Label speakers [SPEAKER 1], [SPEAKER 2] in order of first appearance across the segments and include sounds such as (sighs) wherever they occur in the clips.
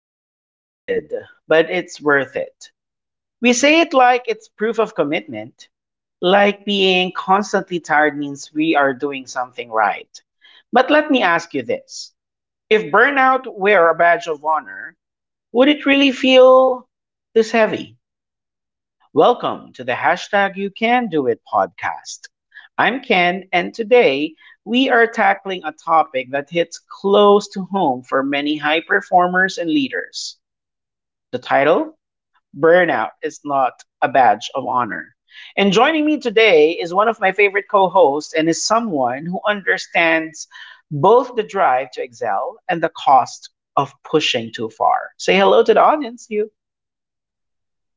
[SPEAKER 1] I am exhausted, but it's worth it." We say it like it's proof of commitment, like being constantly tired means we are doing something right. But let me ask you this: if burnout were a badge of honor, would it really feel this heavy? Welcome to the hashtag You Can Do It podcast. I'm Ken, and today we are tackling a topic that hits close to home for many high performers and leaders. The title: Burnout is Not a Badge of Honor. And joining me today is one of my favorite co hosts and is someone who understands both the drive to excel and the cost of pushing too far. Say hello to the audience, you.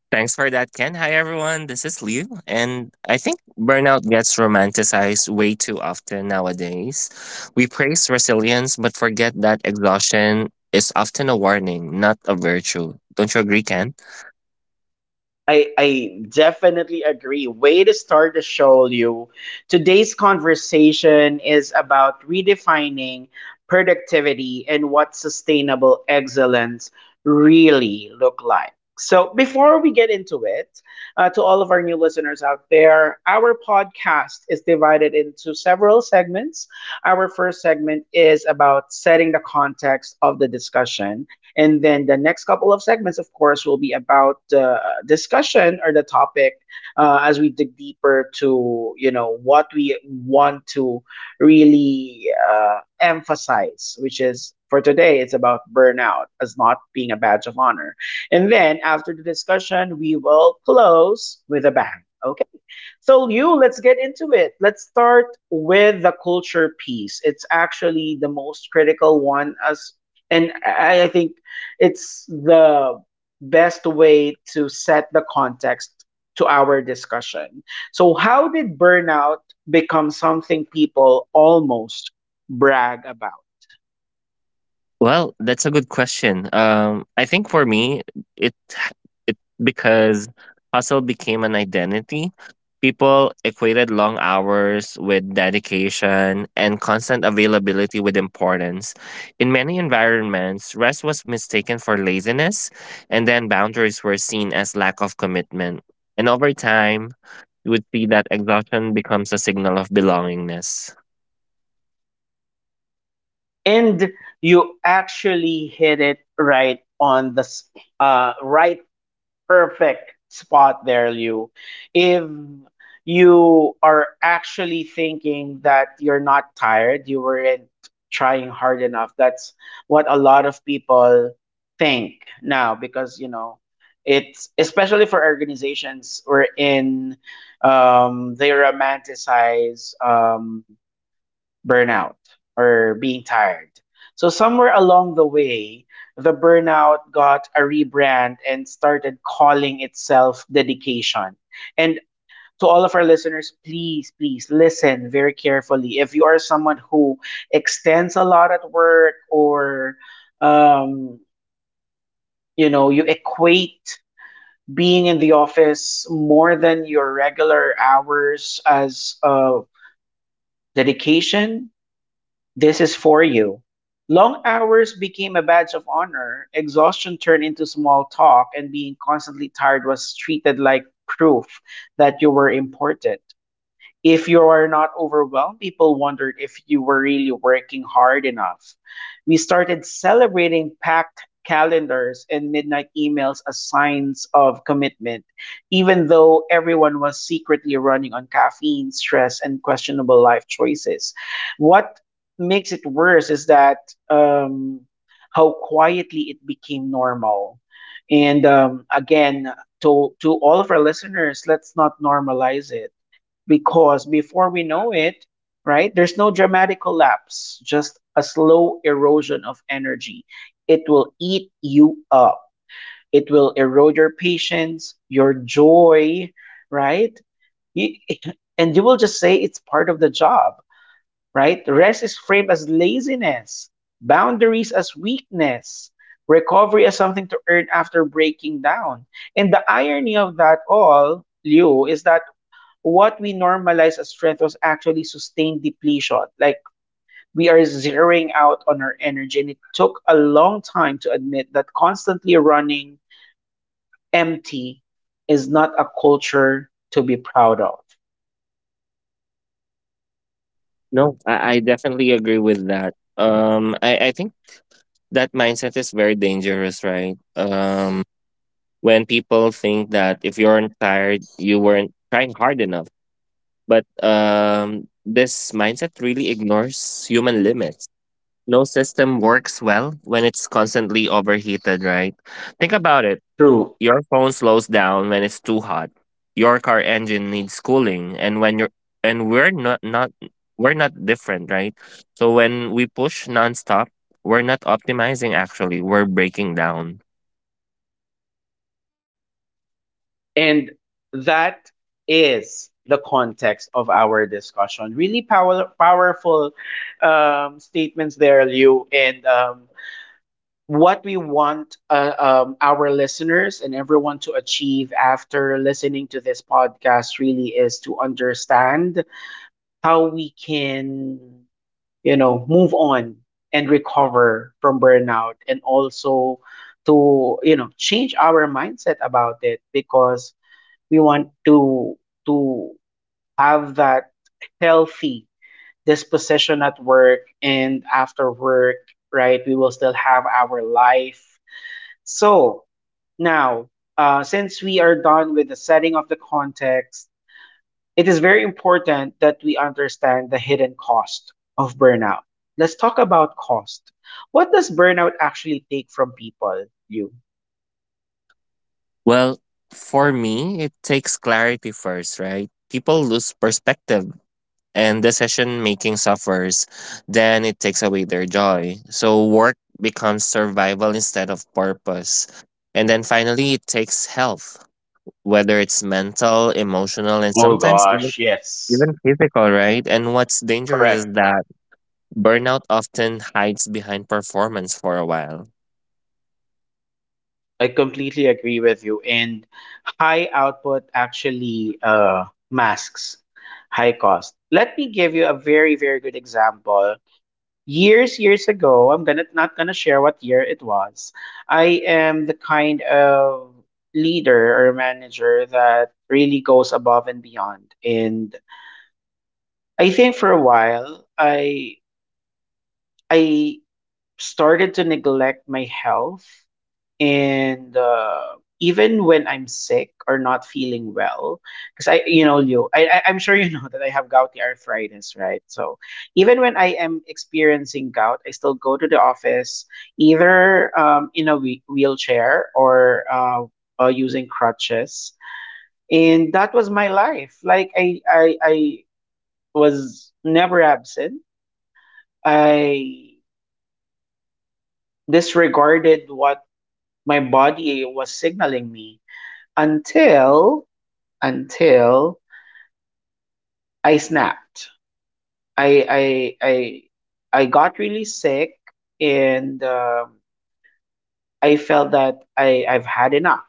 [SPEAKER 2] Thanks for that, Ken. Hi, everyone. This is Liu, and I think burnout gets romanticized way too often nowadays. We praise resilience, but forget that exhaustion is often a warning, not a virtue. Don't you agree, Ken?
[SPEAKER 1] I definitely agree. Way to start the show, Liu. Today's conversation is about redefining productivity and what sustainable excellence really look like. So before we get into it, to all of our new listeners out there, our podcast is divided into several segments. Our first segment is about setting the context of the discussion, and then the next couple of segments, of course, will be about the discussion or the topic, as we dig deeper to, you know, what we want to really emphasize, which is for today, it's about burnout as not being a badge of honor. And then after the discussion, we will close with a bang. Okay. So, Liu, let's get into it. Let's start with the culture piece. It's actually the most critical one, as and I think it's the best way to set the context to our discussion. So, how did burnout become something people almost brag about?
[SPEAKER 2] Well, that's a good question. I think for me, it it because hustle became an identity. People equated long hours with dedication and constant availability with importance. In many environments, rest was mistaken for laziness, and then boundaries were seen as lack of commitment. And over time, you would see that exhaustion becomes a signal of belongingness.
[SPEAKER 1] And you actually hit it right on the uh, right Perfect spot there, Liu. If you are actually thinking that you're not tired, you weren't trying hard enough. That's what a lot of people think now because, you know, it's especially for organizations wherein they romanticize burnout or being tired. So somewhere along the way, the burnout got a rebrand and started calling itself dedication. And to all of our listeners, please, please listen very carefully. If you are someone who extends a lot at work, or um, you know, you equate being in the office more than your regular hours as dedication, this is for you. Long hours became a badge of honor, exhaustion turned into small talk, and being constantly tired was treated like proof that you were important. If you are not overwhelmed, people wondered if you were really working hard enough. We started celebrating packed calendars and midnight emails as signs of commitment, even though everyone was secretly running on caffeine, stress, and questionable life choices. What makes it worse is that, how quietly it became normal. And again, to all of our listeners, let's not normalize it because before we know it, right, there's no dramatic collapse, just a slow erosion of energy. It will eat you up. It will erode your patience, your joy, right? You- (laughs) and you will just say it's part of the job, right? Rest is framed as laziness, boundaries as weakness, recovery as something to earn after breaking down. And the irony of that all, Liu, is that what we normalize as strength was actually sustained depletion. Like, we are zeroing out on our energy. And it took a long time to admit that constantly running empty is not a culture to be proud of.
[SPEAKER 2] No, I definitely agree with that. I think that mindset is very dangerous, right? When people think that if you aren't tired, you weren't trying hard enough. But this mindset really ignores human limits. No system works well when it's constantly overheated, right? Think about it.
[SPEAKER 1] True.
[SPEAKER 2] Your phone slows down when it's too hot. Your car engine needs cooling, and when you're and we're not not we're not different, right? So when we push nonstop, we're not optimizing actually, we're breaking down.
[SPEAKER 1] And that is the context of our discussion. Really powerful statements there, Liu. And what we want our listeners and everyone to achieve after listening to this podcast really is to understand how we can, you know, move on and recover from burnout, and also to, you know, change our mindset about it, because we want to have that healthy disposition at work and after work, right? We will still have our life. So now, since we are done with the setting of the context, it is very important that we understand the hidden cost of burnout. Let's talk about cost. What does burnout actually take from people, you?
[SPEAKER 2] Well, for me, it takes clarity first, right? People lose perspective and decision making suffers, then it takes away their joy. So work becomes survival instead of purpose. And then finally, it takes health, whether it's mental, emotional, and
[SPEAKER 1] Oh
[SPEAKER 2] sometimes even,
[SPEAKER 1] gosh, yes.
[SPEAKER 2] even physical, right? And what's dangerous is
[SPEAKER 1] Correct.
[SPEAKER 2] that burnout often hides behind performance for a while.
[SPEAKER 1] I completely agree with you. And high output actually masks high cost. Let me give you a very, very good example. Years ago, I'm gonna not gonna share what year it was. I am the kind of leader or manager that really goes above and beyond, and I think for a while I started to neglect my health. And even when I'm sick or not feeling well, because I, you know, you, I'm sure you know (laughs) that I have gouty arthritis, right? So even when I am experiencing gout, I still go to the office, either in a wheelchair or using crutches, and that was my life. Like, I was never absent. I disregarded what my body was signaling me until until I snapped. I I I I got really sick, and I felt that I've had enough.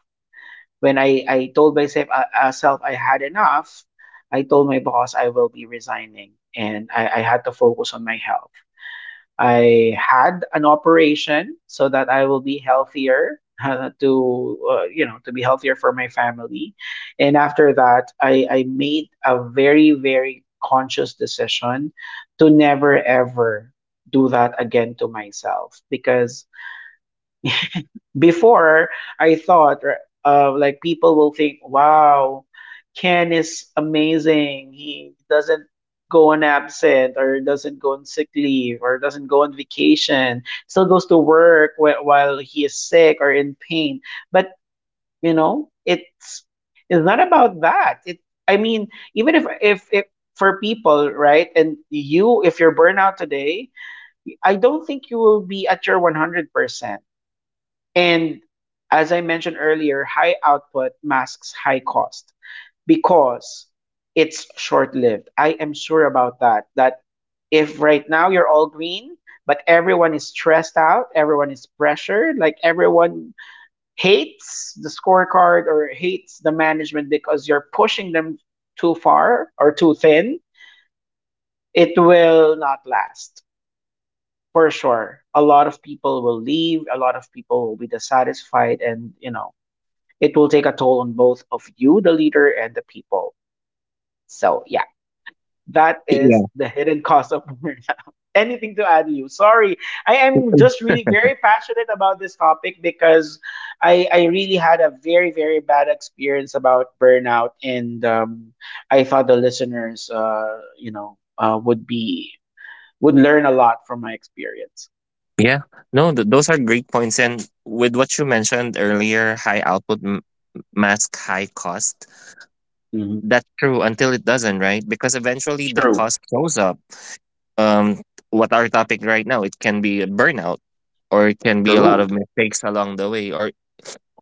[SPEAKER 1] When I told myself, self, I had enough, I told my boss I will be resigning, and I had to focus on my health. I had an operation so that I will be healthier (laughs) to you know, to be healthier for my family. And after that, I made a very, very conscious decision to never ever do that again to myself, because before I thought, like, people will think, wow, Ken is amazing. He doesn't go on absent or doesn't go on sick leave or doesn't go on vacation. Still goes to work while he is sick or in pain. But you know, it's not about that. It, I mean, even if for people, right? And you, if you're burnout today, I don't think you will be at your 100%. And as I mentioned earlier, high output masks high cost because it's short lived. I am sure about that. That if right now you're all green, but everyone is stressed out, everyone is pressured, like everyone hates the scorecard or hates the management because you're pushing them too far or too thin, it will not last for sure. A lot of people will leave, a lot of people will be dissatisfied, and you know, it will take a toll on both of you, the leader, and the people. So yeah, that is
[SPEAKER 2] Yeah.
[SPEAKER 1] the hidden cost of burnout. (laughs) Anything to add, Liu? Sorry, I am just really very passionate about this topic because I really had a very, very bad experience about burnout, and I thought the listeners, you know, would be would learn a lot from my experience.
[SPEAKER 2] Yeah, no, those are great points. And with what you mentioned earlier, high output mask high cost. That's true until it doesn't, right? Because eventually the cost shows up. Um, what our topic right now, it can be a burnout, or it can be a lot
[SPEAKER 1] True.
[SPEAKER 2] of mistakes along the way, or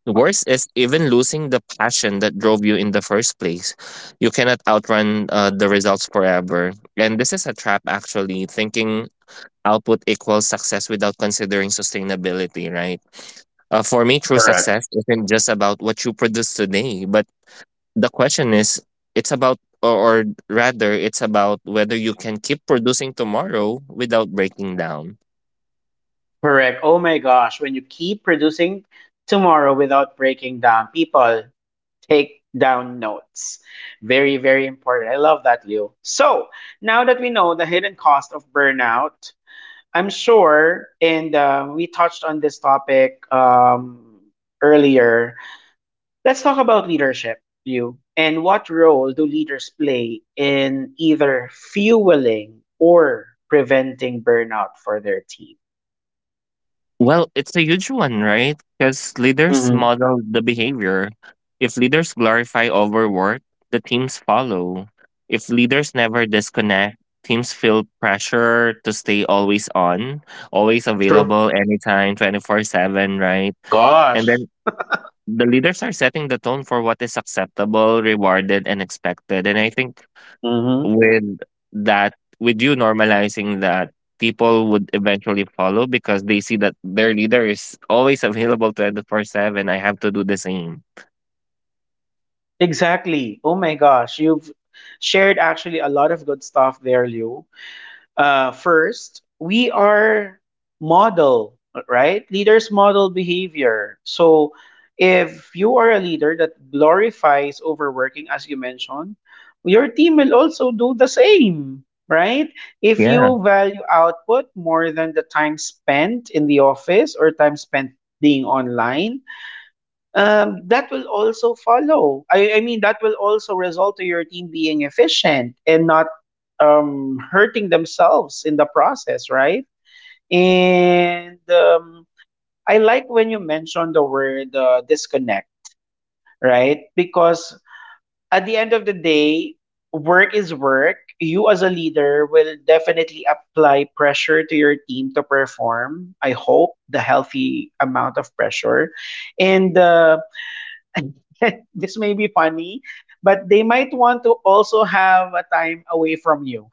[SPEAKER 2] the worst is even losing the passion that drove you in the first place. You cannot outrun the results forever. And this is a trap, actually, thinking output equals success without considering sustainability, right? For me, true
[SPEAKER 1] Correct.
[SPEAKER 2] success isn't just about what you produce today, but the question is, it's about, or rather, it's about whether you can keep producing tomorrow without breaking down.
[SPEAKER 1] Correct. Oh my gosh, when you keep producing tomorrow without breaking down, people, take down notes. Very, very important. I love that, Leo. So, now that we know the hidden cost of burnout, I'm sure, and we touched on this topic earlier, let's talk about leadership, Leo. And what role do leaders play in either fueling or preventing burnout for their team?
[SPEAKER 2] Well, it's a huge one, right? Because leaders
[SPEAKER 1] Mhm.
[SPEAKER 2] model the behavior. If leaders glorify overwork, the teams follow. If leaders never disconnect, teams feel pressure to stay always on, always
[SPEAKER 1] True.
[SPEAKER 2] available anytime, 24/7, right? And
[SPEAKER 1] Gosh.
[SPEAKER 2] then the leaders are setting the tone for what is acceptable, rewarded, and expected. And I think
[SPEAKER 1] Hmm.
[SPEAKER 2] with that, with you normalizing that, people would eventually follow because they see that their leader is always available 24/7. I have to do the same.
[SPEAKER 1] Exactly. Oh my gosh, you've shared actually a lot of good stuff there, Liu. First, we are model, right? Leaders model behavior. So, if you are a leader that glorifies overworking, as you mentioned, your team will also do the same, right? If
[SPEAKER 2] Yeah,
[SPEAKER 1] you value output more than the time spent in the office or time spent being online, that will also follow. I mean, that will also result to your team being efficient and not hurting themselves in the process, right? And I like when you mentioned the word disconnect, right? Because at the end of the day, work is work. You as a leader will definitely apply pressure to your team to perform. I hope the healthy amount of pressure. And (laughs) this may be funny, but they might want to also have a time away from you.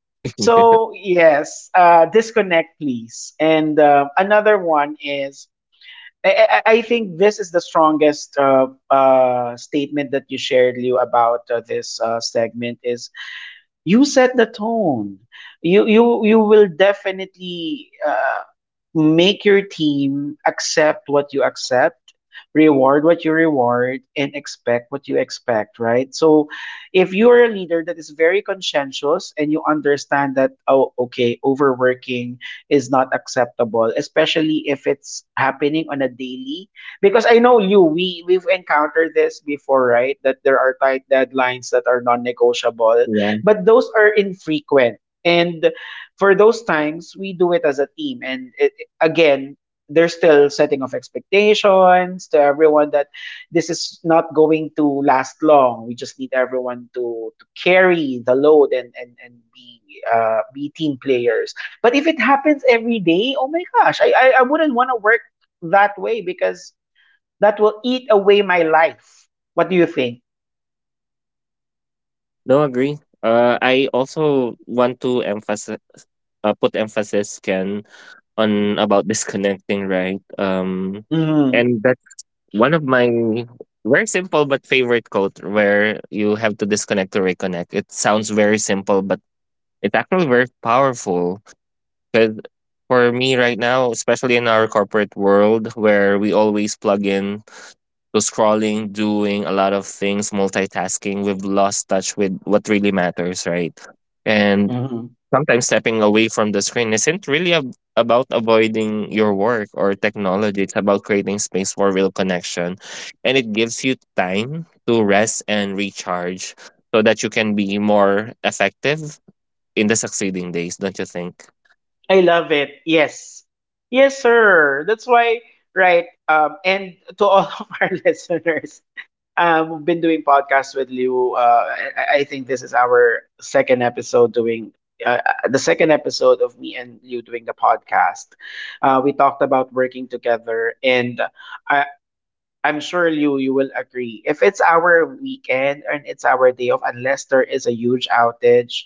[SPEAKER 2] agree.
[SPEAKER 1] So, yes, disconnect, please. And another one is, I think this is the strongest statement that you shared, Liu, about this segment is: you set the tone. You will definitely make your team accept what you accept, reward what you reward, and expect what you expect. Right. So, if you are a leader that is very conscientious and you understand that, oh okay, overworking is not acceptable, especially if it's happening on a daily. Because I know you, we've encountered this before, right? That there are tight deadlines that are
[SPEAKER 2] (laughs)
[SPEAKER 1] non-negotiable,
[SPEAKER 2] Yeah.
[SPEAKER 1] but those are infrequent. And for those times, we do it as a team. And again, there's still setting of expectations to everyone that this is not going to last long. We just need everyone to carry the load and be team players. But if it happens every day, oh my gosh, I wouldn't want to work that way because that will eat away my life. What do you think?
[SPEAKER 2] No, agree. I also want to emphasize, put emphasis, can, on about disconnecting, right?
[SPEAKER 1] Hmm.
[SPEAKER 2] And that's one of my very simple but favorite quote, where you have to disconnect to reconnect. It sounds very simple, but it's actually very powerful, because for me right now, especially in our corporate world where we always plug in to scrolling, doing a lot of things, multitasking, we've lost touch with what really matters, right? And sometimes stepping away from the screen isn't really about avoiding your work or technology. It's about creating space for real connection. And it gives you time to rest and recharge so that you can be more effective in the succeeding days, don't you think?
[SPEAKER 1] I love it. Yes. Yes, sir. That's why, right? And to all (laughs) of our listeners, we've been doing podcasts with Liu. I think this is our second episode doing the second episode of me and Liu doing the podcast. We talked about working together, and I, I'm sure Liu, you will agree. If it's our weekend and it's our day off, unless there is a huge outage,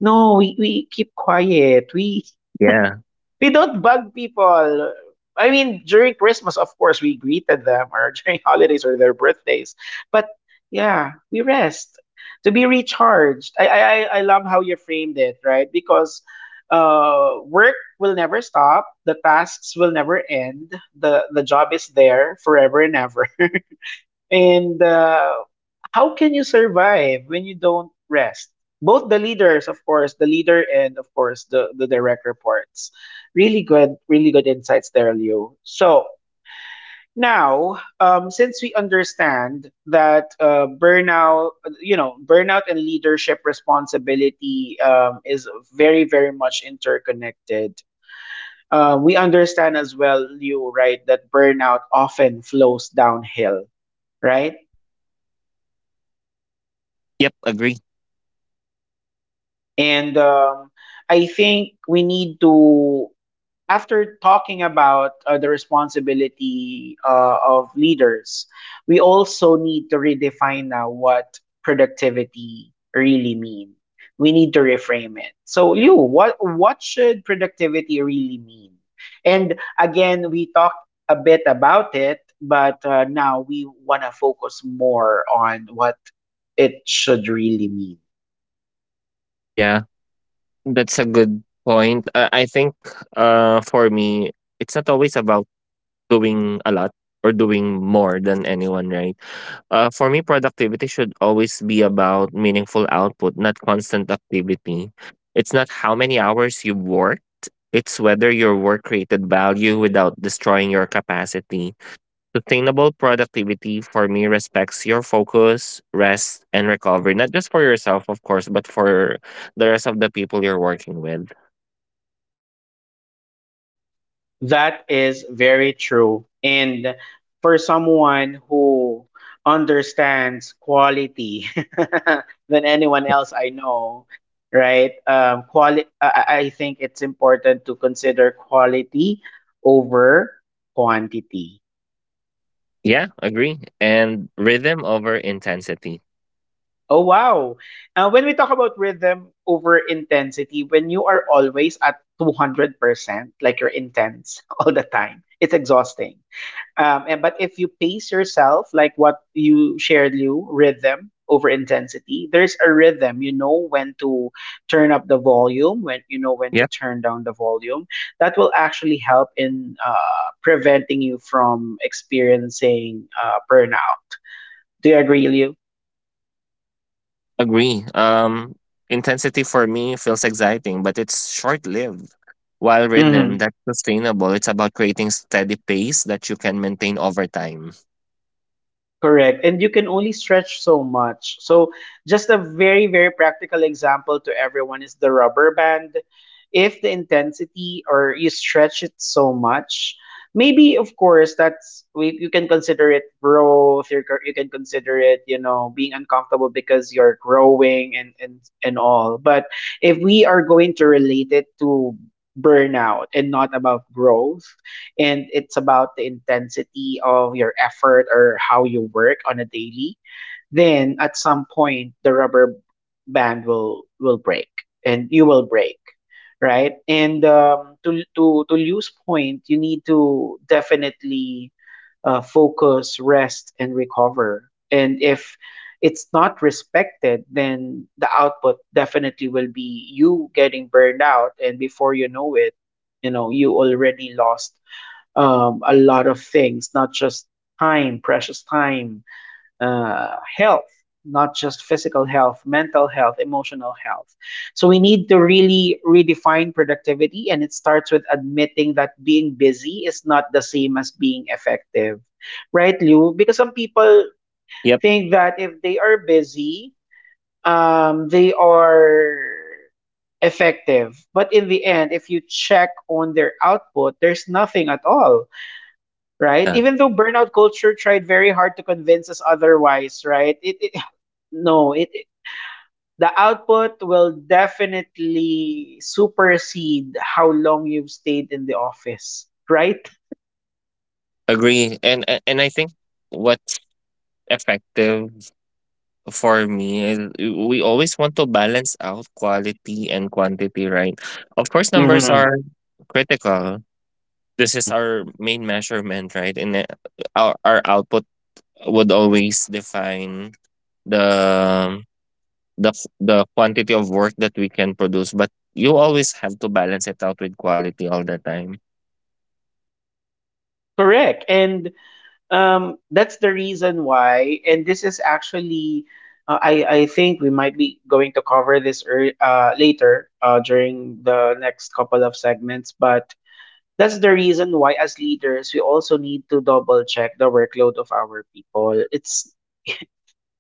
[SPEAKER 1] no, we keep quiet. We
[SPEAKER 2] Yeah.
[SPEAKER 1] we don't bug people. I mean, during Christmas, of course, we greeted them, or (laughs) during holidays or their birthdays. But yeah, we rest to be recharged. I love how you framed it, right? Because work will never stop. The tasks will never end. The job is there forever and ever. (laughs) And how can you survive when you don't rest? Both the leaders, of course, the leader and of course the direct reports. Really good, really good insights there, Liu. So now, since we understand that burnout and leadership responsibility is very, very much interconnected. We understand as well, Liu, right, that burnout often flows downhill, right?
[SPEAKER 2] Yeah. Yep. Agree.
[SPEAKER 1] And I think we need to, after talking about the responsibility of leaders, we also need to redefine now what productivity really mean. We need to reframe it. So, Liu, what should productivity really mean? And again, we talked a bit about it, but now we want to focus more on what it should really mean.
[SPEAKER 2] Yeah. That's a good point. I think, for me, it's not always about doing a lot or doing more than anyone, right? For me, productivity should always be about meaningful output, not constant activity. It's not how many hours you worked, it's whether your work created value without destroying your capacity. Sustainable productivity for me respects your focus, rest, and recovery, not just for yourself, of course, but for the rest of the people you're working with.
[SPEAKER 1] That is very true. And for someone who understands quality (laughs) than
[SPEAKER 2] (laughs) Yeah,
[SPEAKER 1] anyone else I know, right? I think it's important to consider quality over quantity.
[SPEAKER 2] yeah, agree. And rhythm over intensity.
[SPEAKER 1] Oh, wow. When we talk about rhythm over intensity, when you are always at 200%, like you're intense (laughs) all the time, it's exhausting. But if you pace yourself, like what you shared, Lou, rhythm over intensity, there's a rhythm. You know when to turn up the volume, when you know when to
[SPEAKER 2] Yep,
[SPEAKER 1] turn down the volume. That will actually help in preventing you from experiencing burnout. Do you agree,
[SPEAKER 2] agree. Intensity for me feels exciting, but it's short lived. While rhythm,
[SPEAKER 1] Lou?
[SPEAKER 2] that's sustainable. It's about creating steady pace that you can maintain over time.
[SPEAKER 1] Correct. And you can only stretch so much. So, just a very, very practical example to everyone is the rubber band. If the intensity or you stretch it so much, maybe, of course, you can consider it growth. You can consider it, being uncomfortable because you're growing and all. But if we are going to relate it to burnout and not about growth, and it's about the intensity of your effort or how you work on a daily, then at some point the rubber band will break and you will break, right? And to lose point, you need to definitely focus, rest, and recover. And if it's not respected, then the output definitely will be you getting burned out, and before you know it, you know you already lost a lot of things, not just time, precious time, health, not just physical health, mental health, emotional health. So we need to really redefine productivity, and it starts with admitting that being busy is not the same as being effective, right, Liu? Because some people
[SPEAKER 2] Yep.
[SPEAKER 1] think that if they are busy, they are effective. But in the end, if you check on their output, there's nothing at all, right?
[SPEAKER 2] Yeah,
[SPEAKER 1] Even though burnout culture tried very hard to convince us otherwise, right? It (sighs) No, the output will definitely supersede how long you've stayed in the office, right?
[SPEAKER 2] agree. And I think what's effective for me is, we always want to balance out quality and quantity, right? Of course, numbers
[SPEAKER 1] Mhm.
[SPEAKER 2] are critical. This is our main measurement, right? And our output would always define the the the quantity of work that we can produce. But you always have to balance it out with quality all the time.
[SPEAKER 1] Correct. And that's the reason why, and this is actually, I think we might be going to cover this ear later during the next couple of segments, but that's the reason why as leaders we also need to double check the workload of our people. It's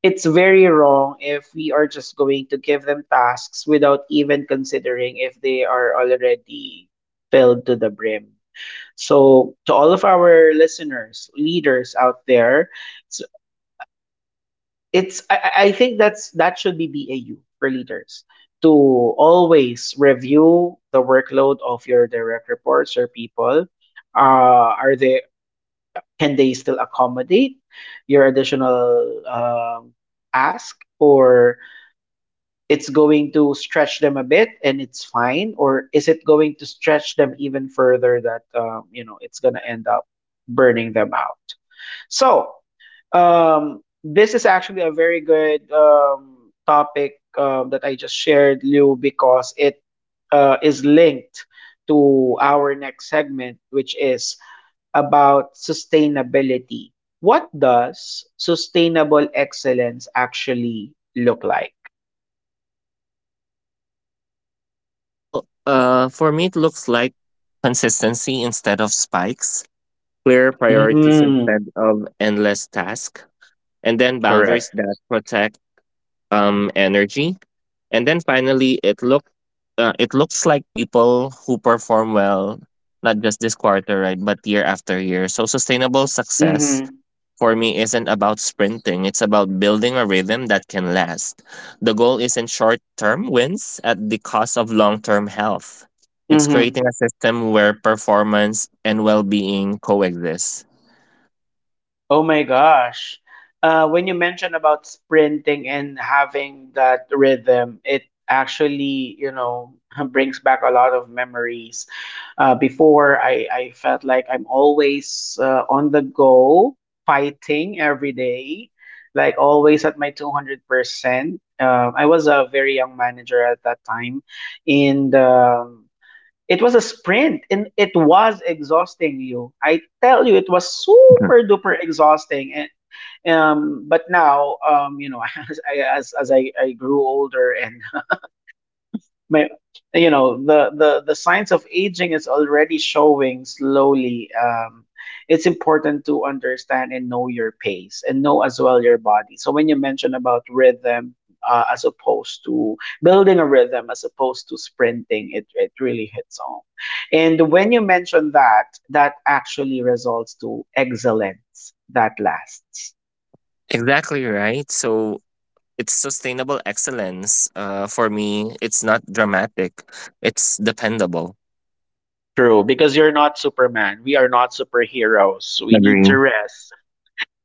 [SPEAKER 1] it's very wrong if we are just going to give them tasks without even considering if they are already filled to the brim. So to all of our listeners, leaders out there, it's, it's I think that should be BAU for leaders to always review the workload of your direct reports or people are they can they still accommodate your additional ask, or it's going to stretch them a bit and it's fine, or is it going to stretch them even further that you know it's going to end up burning them out? So this is actually a very good topic that I just shared, Liu, because it is linked to our next segment, which is about sustainability. What does sustainable excellence actually look like?
[SPEAKER 2] Well, for me, it looks like consistency instead of spikes, clear priorities
[SPEAKER 1] Mm,
[SPEAKER 2] instead of endless tasks, and then boundaries
[SPEAKER 1] correct.
[SPEAKER 2] that protect energy, and then finally it looks like people who perform well, not just this quarter, right, but year after year. So sustainable success
[SPEAKER 1] Mm-hmm.
[SPEAKER 2] for me isn't about sprinting, it's about building a rhythm that can last. The goal isn't short term wins at the cost of long term health, it's
[SPEAKER 1] Mm-hmm.
[SPEAKER 2] creating a system where performance and well-being coexist.
[SPEAKER 1] Oh my gosh. When you mentioned about sprinting and having that rhythm, it actually, (laughs) brings back a lot of memories. Before, I felt like I'm always on the go, fighting every day, like always at my 200%. I was a very young manager at that time. And it was a sprint and it was exhausting, you. I tell you, it was
[SPEAKER 2] Mhm.
[SPEAKER 1] super duper exhausting. And but now, (laughs) as I grew older and my the signs of aging is already showing slowly. It's important to understand and know your pace and know as well your body. So when you mention about rhythm, as opposed to building a rhythm as opposed to sprinting, it really hits home. And when you mention that, that actually results to excellence that lasts.
[SPEAKER 2] Exactly, right? So it's sustainable excellence. For me, it's not dramatic. It's dependable.
[SPEAKER 1] True, because you're not Superman. We are not superheroes. We need
[SPEAKER 2] Agree.
[SPEAKER 1] to rest,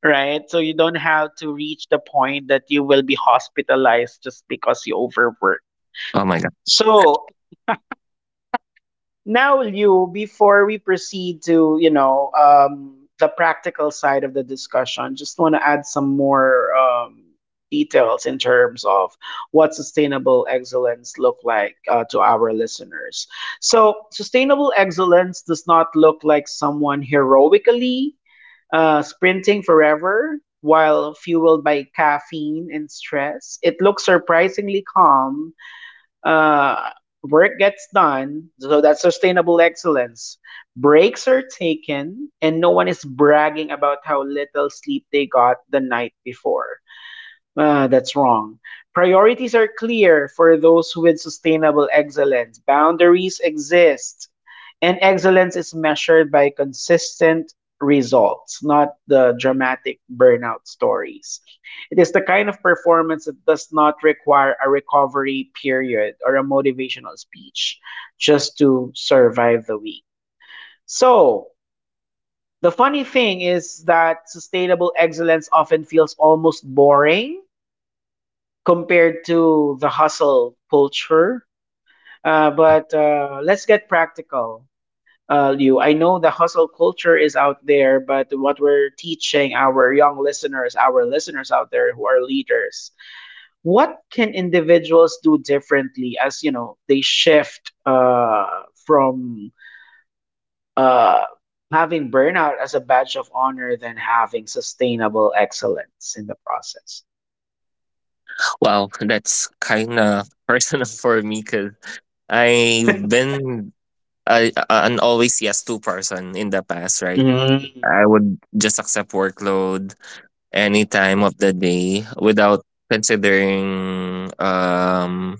[SPEAKER 1] right? So you don't have to reach the point that you will be hospitalized just because you overwork.
[SPEAKER 2] Oh my god.
[SPEAKER 1] So now, Liu, before we proceed to, the practical side of the discussion, just want to add some more details in terms of what sustainable excellence look like to our listeners. So, sustainable excellence does not look like someone heroically sprinting forever while fueled by caffeine and stress. It looks surprisingly calm uh, Work gets done, so that's sustainable excellence. Breaks are taken, and no one is bragging about how little sleep they got the night before. That's wrong. Priorities are clear for those with sustainable excellence. Boundaries exist, and excellence is measured by consistent results, not the dramatic burnout stories. It is the kind of performance that does not require a recovery period or a motivational speech just to survive the week. So, the funny thing is that sustainable excellence often feels almost boring compared to the hustle culture. Uh,
[SPEAKER 2] Yeah.
[SPEAKER 1] but uh, let's get practical, Liu. I know the hustle culture is out there, but what we're teaching our young listeners, our listeners out there who are leaders, what can individuals do differently as you know they shift from uh, having burnout as a badge of honor than having sustainable excellence in the process? (laughs)
[SPEAKER 2] Well, that's kind of (laughs) personal for me, because I've been an always yes to person in the past, right?
[SPEAKER 1] Mm,
[SPEAKER 2] I would just accept workload any time of the day without considering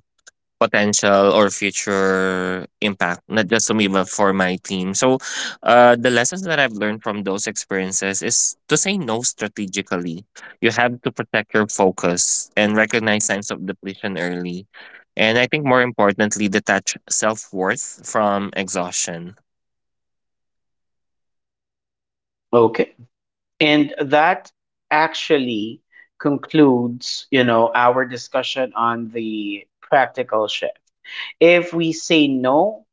[SPEAKER 2] potential or future impact, not just to me, but for my team. So, the lessons that I've learned from those experiences is to say no strategically. You have to protect your focus and recognize signs of depletion early. And I think more importantly, detach self worth from exhaustion.
[SPEAKER 1] okay. And that actually concludes, our discussion on the practical shift. If we say no,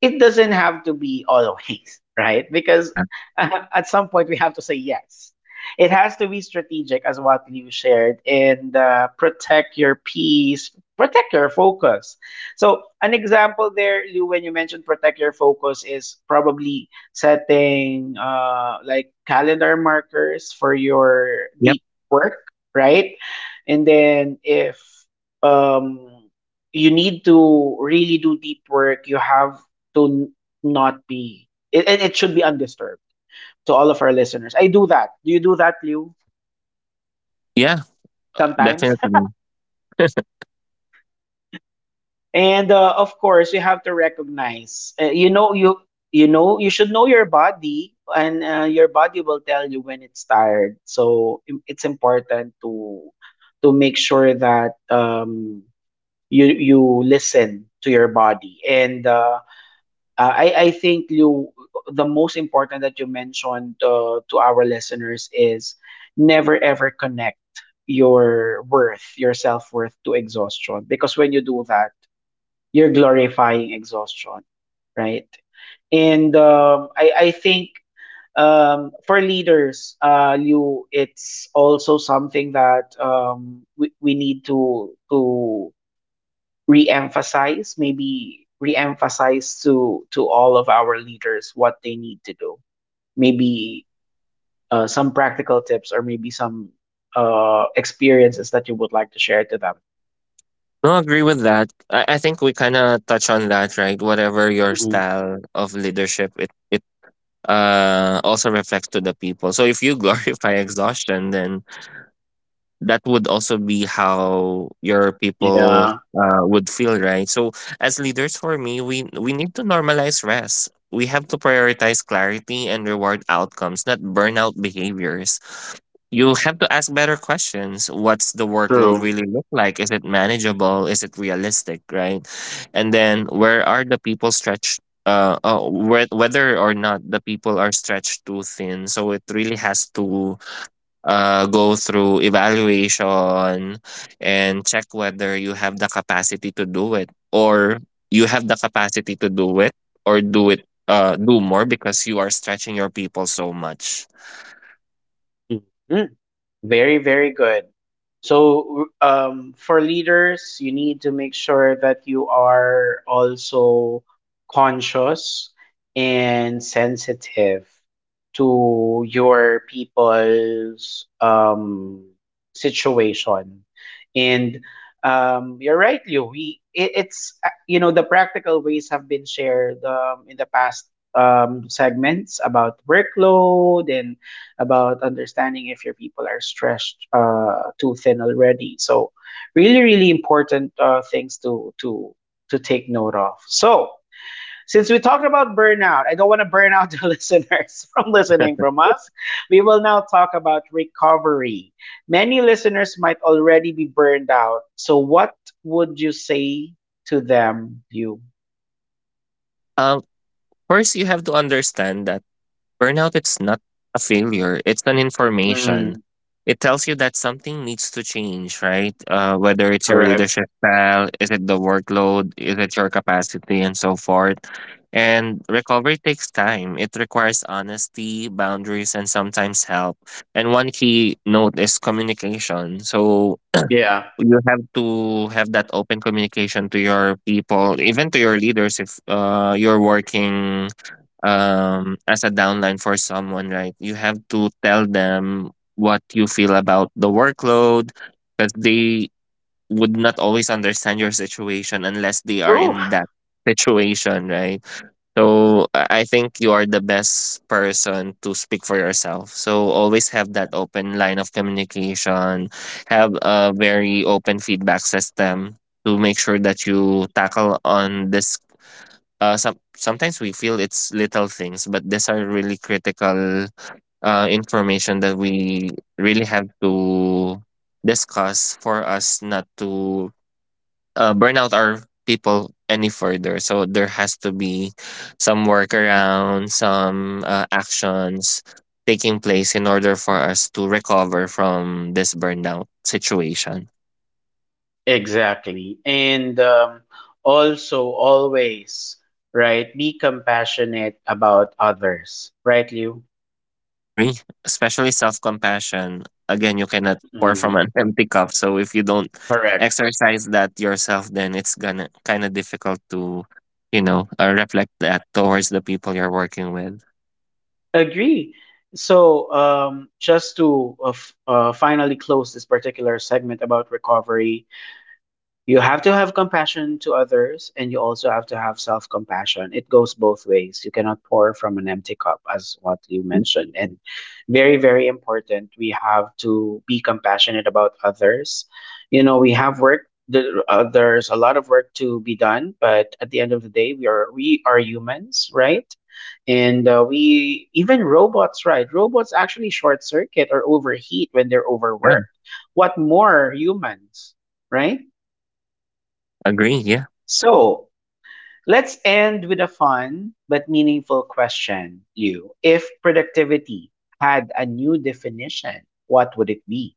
[SPEAKER 1] it doesn't have to be always, right? Because
[SPEAKER 2] Yeah.
[SPEAKER 1] at some point we have to say yes. It has to be strategic, as what you shared, and protect your peace, protect your focus. So, an example there, Lou, when you mentioned protect your focus, is probably setting like calendar markers for your
[SPEAKER 2] Yep.
[SPEAKER 1] deep work, right? And then if um, you need to really do deep work, you have to not be it, and it should be undisturbed to all of our listeners. I do that. Do you do that, Liu?
[SPEAKER 2] Yeah,
[SPEAKER 1] Sometimes.
[SPEAKER 2] definitely.
[SPEAKER 1] (laughs) And of course, you have to recognize. You should know your body, and your body will tell you when it's tired. So it's important to make sure that you listen to your body and. I think you the most important that you mentioned to our listeners is never ever connect your worth, your self-worth to exhaustion because when you do that, you're glorifying exhaustion, right? And I think for leaders, you it's also something that we need to re-emphasize maybe re-emphasize to all of our leaders what they need to do maybe some practical tips or maybe some experiences that you would like to share to them.
[SPEAKER 2] No, I agree with that. I think we kind of touch on that, right? Whatever your
[SPEAKER 1] Mhm.
[SPEAKER 2] style of leadership, it also reflects to the people. So if you (laughs) glorify exhaustion, then that would also be how your people
[SPEAKER 1] Yeah,
[SPEAKER 2] would feel, right? So as leaders, for me, we need to normalize rest. We have to prioritize clarity and reward outcomes, not burnout behaviors. You have to ask better questions. What's the workload
[SPEAKER 1] true.
[SPEAKER 2] really look like? Is it manageable? Is it realistic, right? And then where are the people stretched, whether or not the people are stretched too thin? So it really has to go through evaluation and check whether you have the capacity to do it, or you have the capacity to do it or do it, do more, because you are stretching your people so much.
[SPEAKER 1] Mhm. Very, very good. So, for leaders, you need to make sure that you are also conscious and sensitive to your people's situation. And you're right, Liu. We it, it's you know the practical ways have been shared in the past segments about workload and about understanding if your people are stretched too thin already. So, really, really important things to take note of. So, since we talked about burnout, I don't want to burn out the (laughs) listeners from listening from us. We will now talk about recovery. Many listeners might already be burned out. So, what would you say to them, you?
[SPEAKER 2] Um, First, you have to understand that burnout, it's not a failure, it's an information.
[SPEAKER 1] Mm,
[SPEAKER 2] It tells you that something needs to change, right? Whether it's your
[SPEAKER 1] correct.
[SPEAKER 2] leadership style, is it the workload, is it your capacity, and so forth. And recovery takes time. It requires honesty, boundaries, and sometimes help. And one key note is communication. So
[SPEAKER 1] Yeah.
[SPEAKER 2] you have to have that open communication to your people, even to your leaders if you're working as a downline for someone, right? You have to tell them what you feel about the workload, because they would not always understand your situation unless they are
[SPEAKER 1] True.
[SPEAKER 2] in that situation, right? So I think you are the best person to speak for yourself. So always have that open line of communication, have a very open feedback system to make sure that you tackle on this. Sometimes we feel it's little things, but these are really critical information that we really have to discuss for us not to burn out our people any further. So there has to be some workaround, some actions taking place in order for us to recover from this burnout situation.
[SPEAKER 1] Exactly. And also, always, right, be compassionate about others, right, Liu?
[SPEAKER 2] Agree, especially self compassion. Again, you cannot pour from
[SPEAKER 1] Mm,
[SPEAKER 2] an (laughs) empty cup. So if you don't
[SPEAKER 1] correct.
[SPEAKER 2] exercise that yourself, then it's gonna kind of difficult to, reflect that towards the people you're working with.
[SPEAKER 1] Agree. So, just to finally close this particular segment about recovery. You have to have compassion to others, and you also have to have self compassion. It goes both ways. You cannot pour from an empty cup, as what you mentioned. And very, very important, we have to be compassionate about others. You know, we have work. There's a lot of work to be done, but at the end of the day, we are humans, right? And we even robots, right? Robots actually short circuit or overheat when they're
[SPEAKER 2] Yeah,
[SPEAKER 1] overworked. What more humans, right?
[SPEAKER 2] agree. Yeah.
[SPEAKER 1] So let's end with a fun but meaningful question, Liu. If productivity had a new definition, what would it be?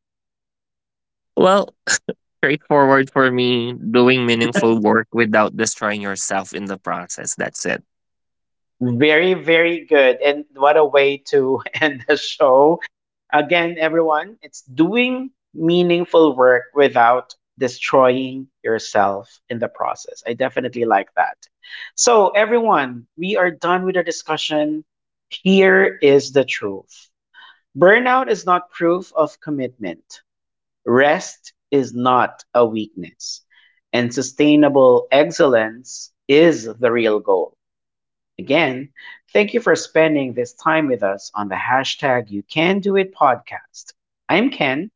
[SPEAKER 2] Well, straightforward for me, doing meaningful work without destroying yourself in the process. That's it.
[SPEAKER 1] Very, very good. And what a way to (laughs) end the show. Again, everyone, it's doing meaningful work without destroying yourself in the process. I definitely like that. So, everyone, we are done with our discussion. Here is the truth: Burnout is not proof of commitment. Rest is not a weakness. And sustainable excellence is the real goal. Again, thank you for spending this time with us on the hashtag You Can Do It podcast. I'm Ken.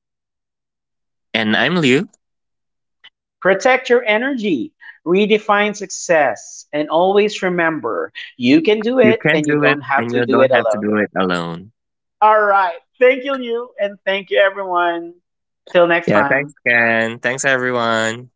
[SPEAKER 2] And I'm Liu.
[SPEAKER 1] Protect your energy, redefine success, and always remember you can do
[SPEAKER 2] You
[SPEAKER 1] it
[SPEAKER 2] can
[SPEAKER 1] and you
[SPEAKER 2] do it,
[SPEAKER 1] don't have
[SPEAKER 2] and
[SPEAKER 1] to
[SPEAKER 2] you
[SPEAKER 1] do it
[SPEAKER 2] don't have to
[SPEAKER 1] alone.
[SPEAKER 2] do it alone.
[SPEAKER 1] All right. Thank you, you, and thank you, everyone. Till next
[SPEAKER 2] Yeah. Thanks,
[SPEAKER 1] time.
[SPEAKER 2] Ken. Thanks, everyone.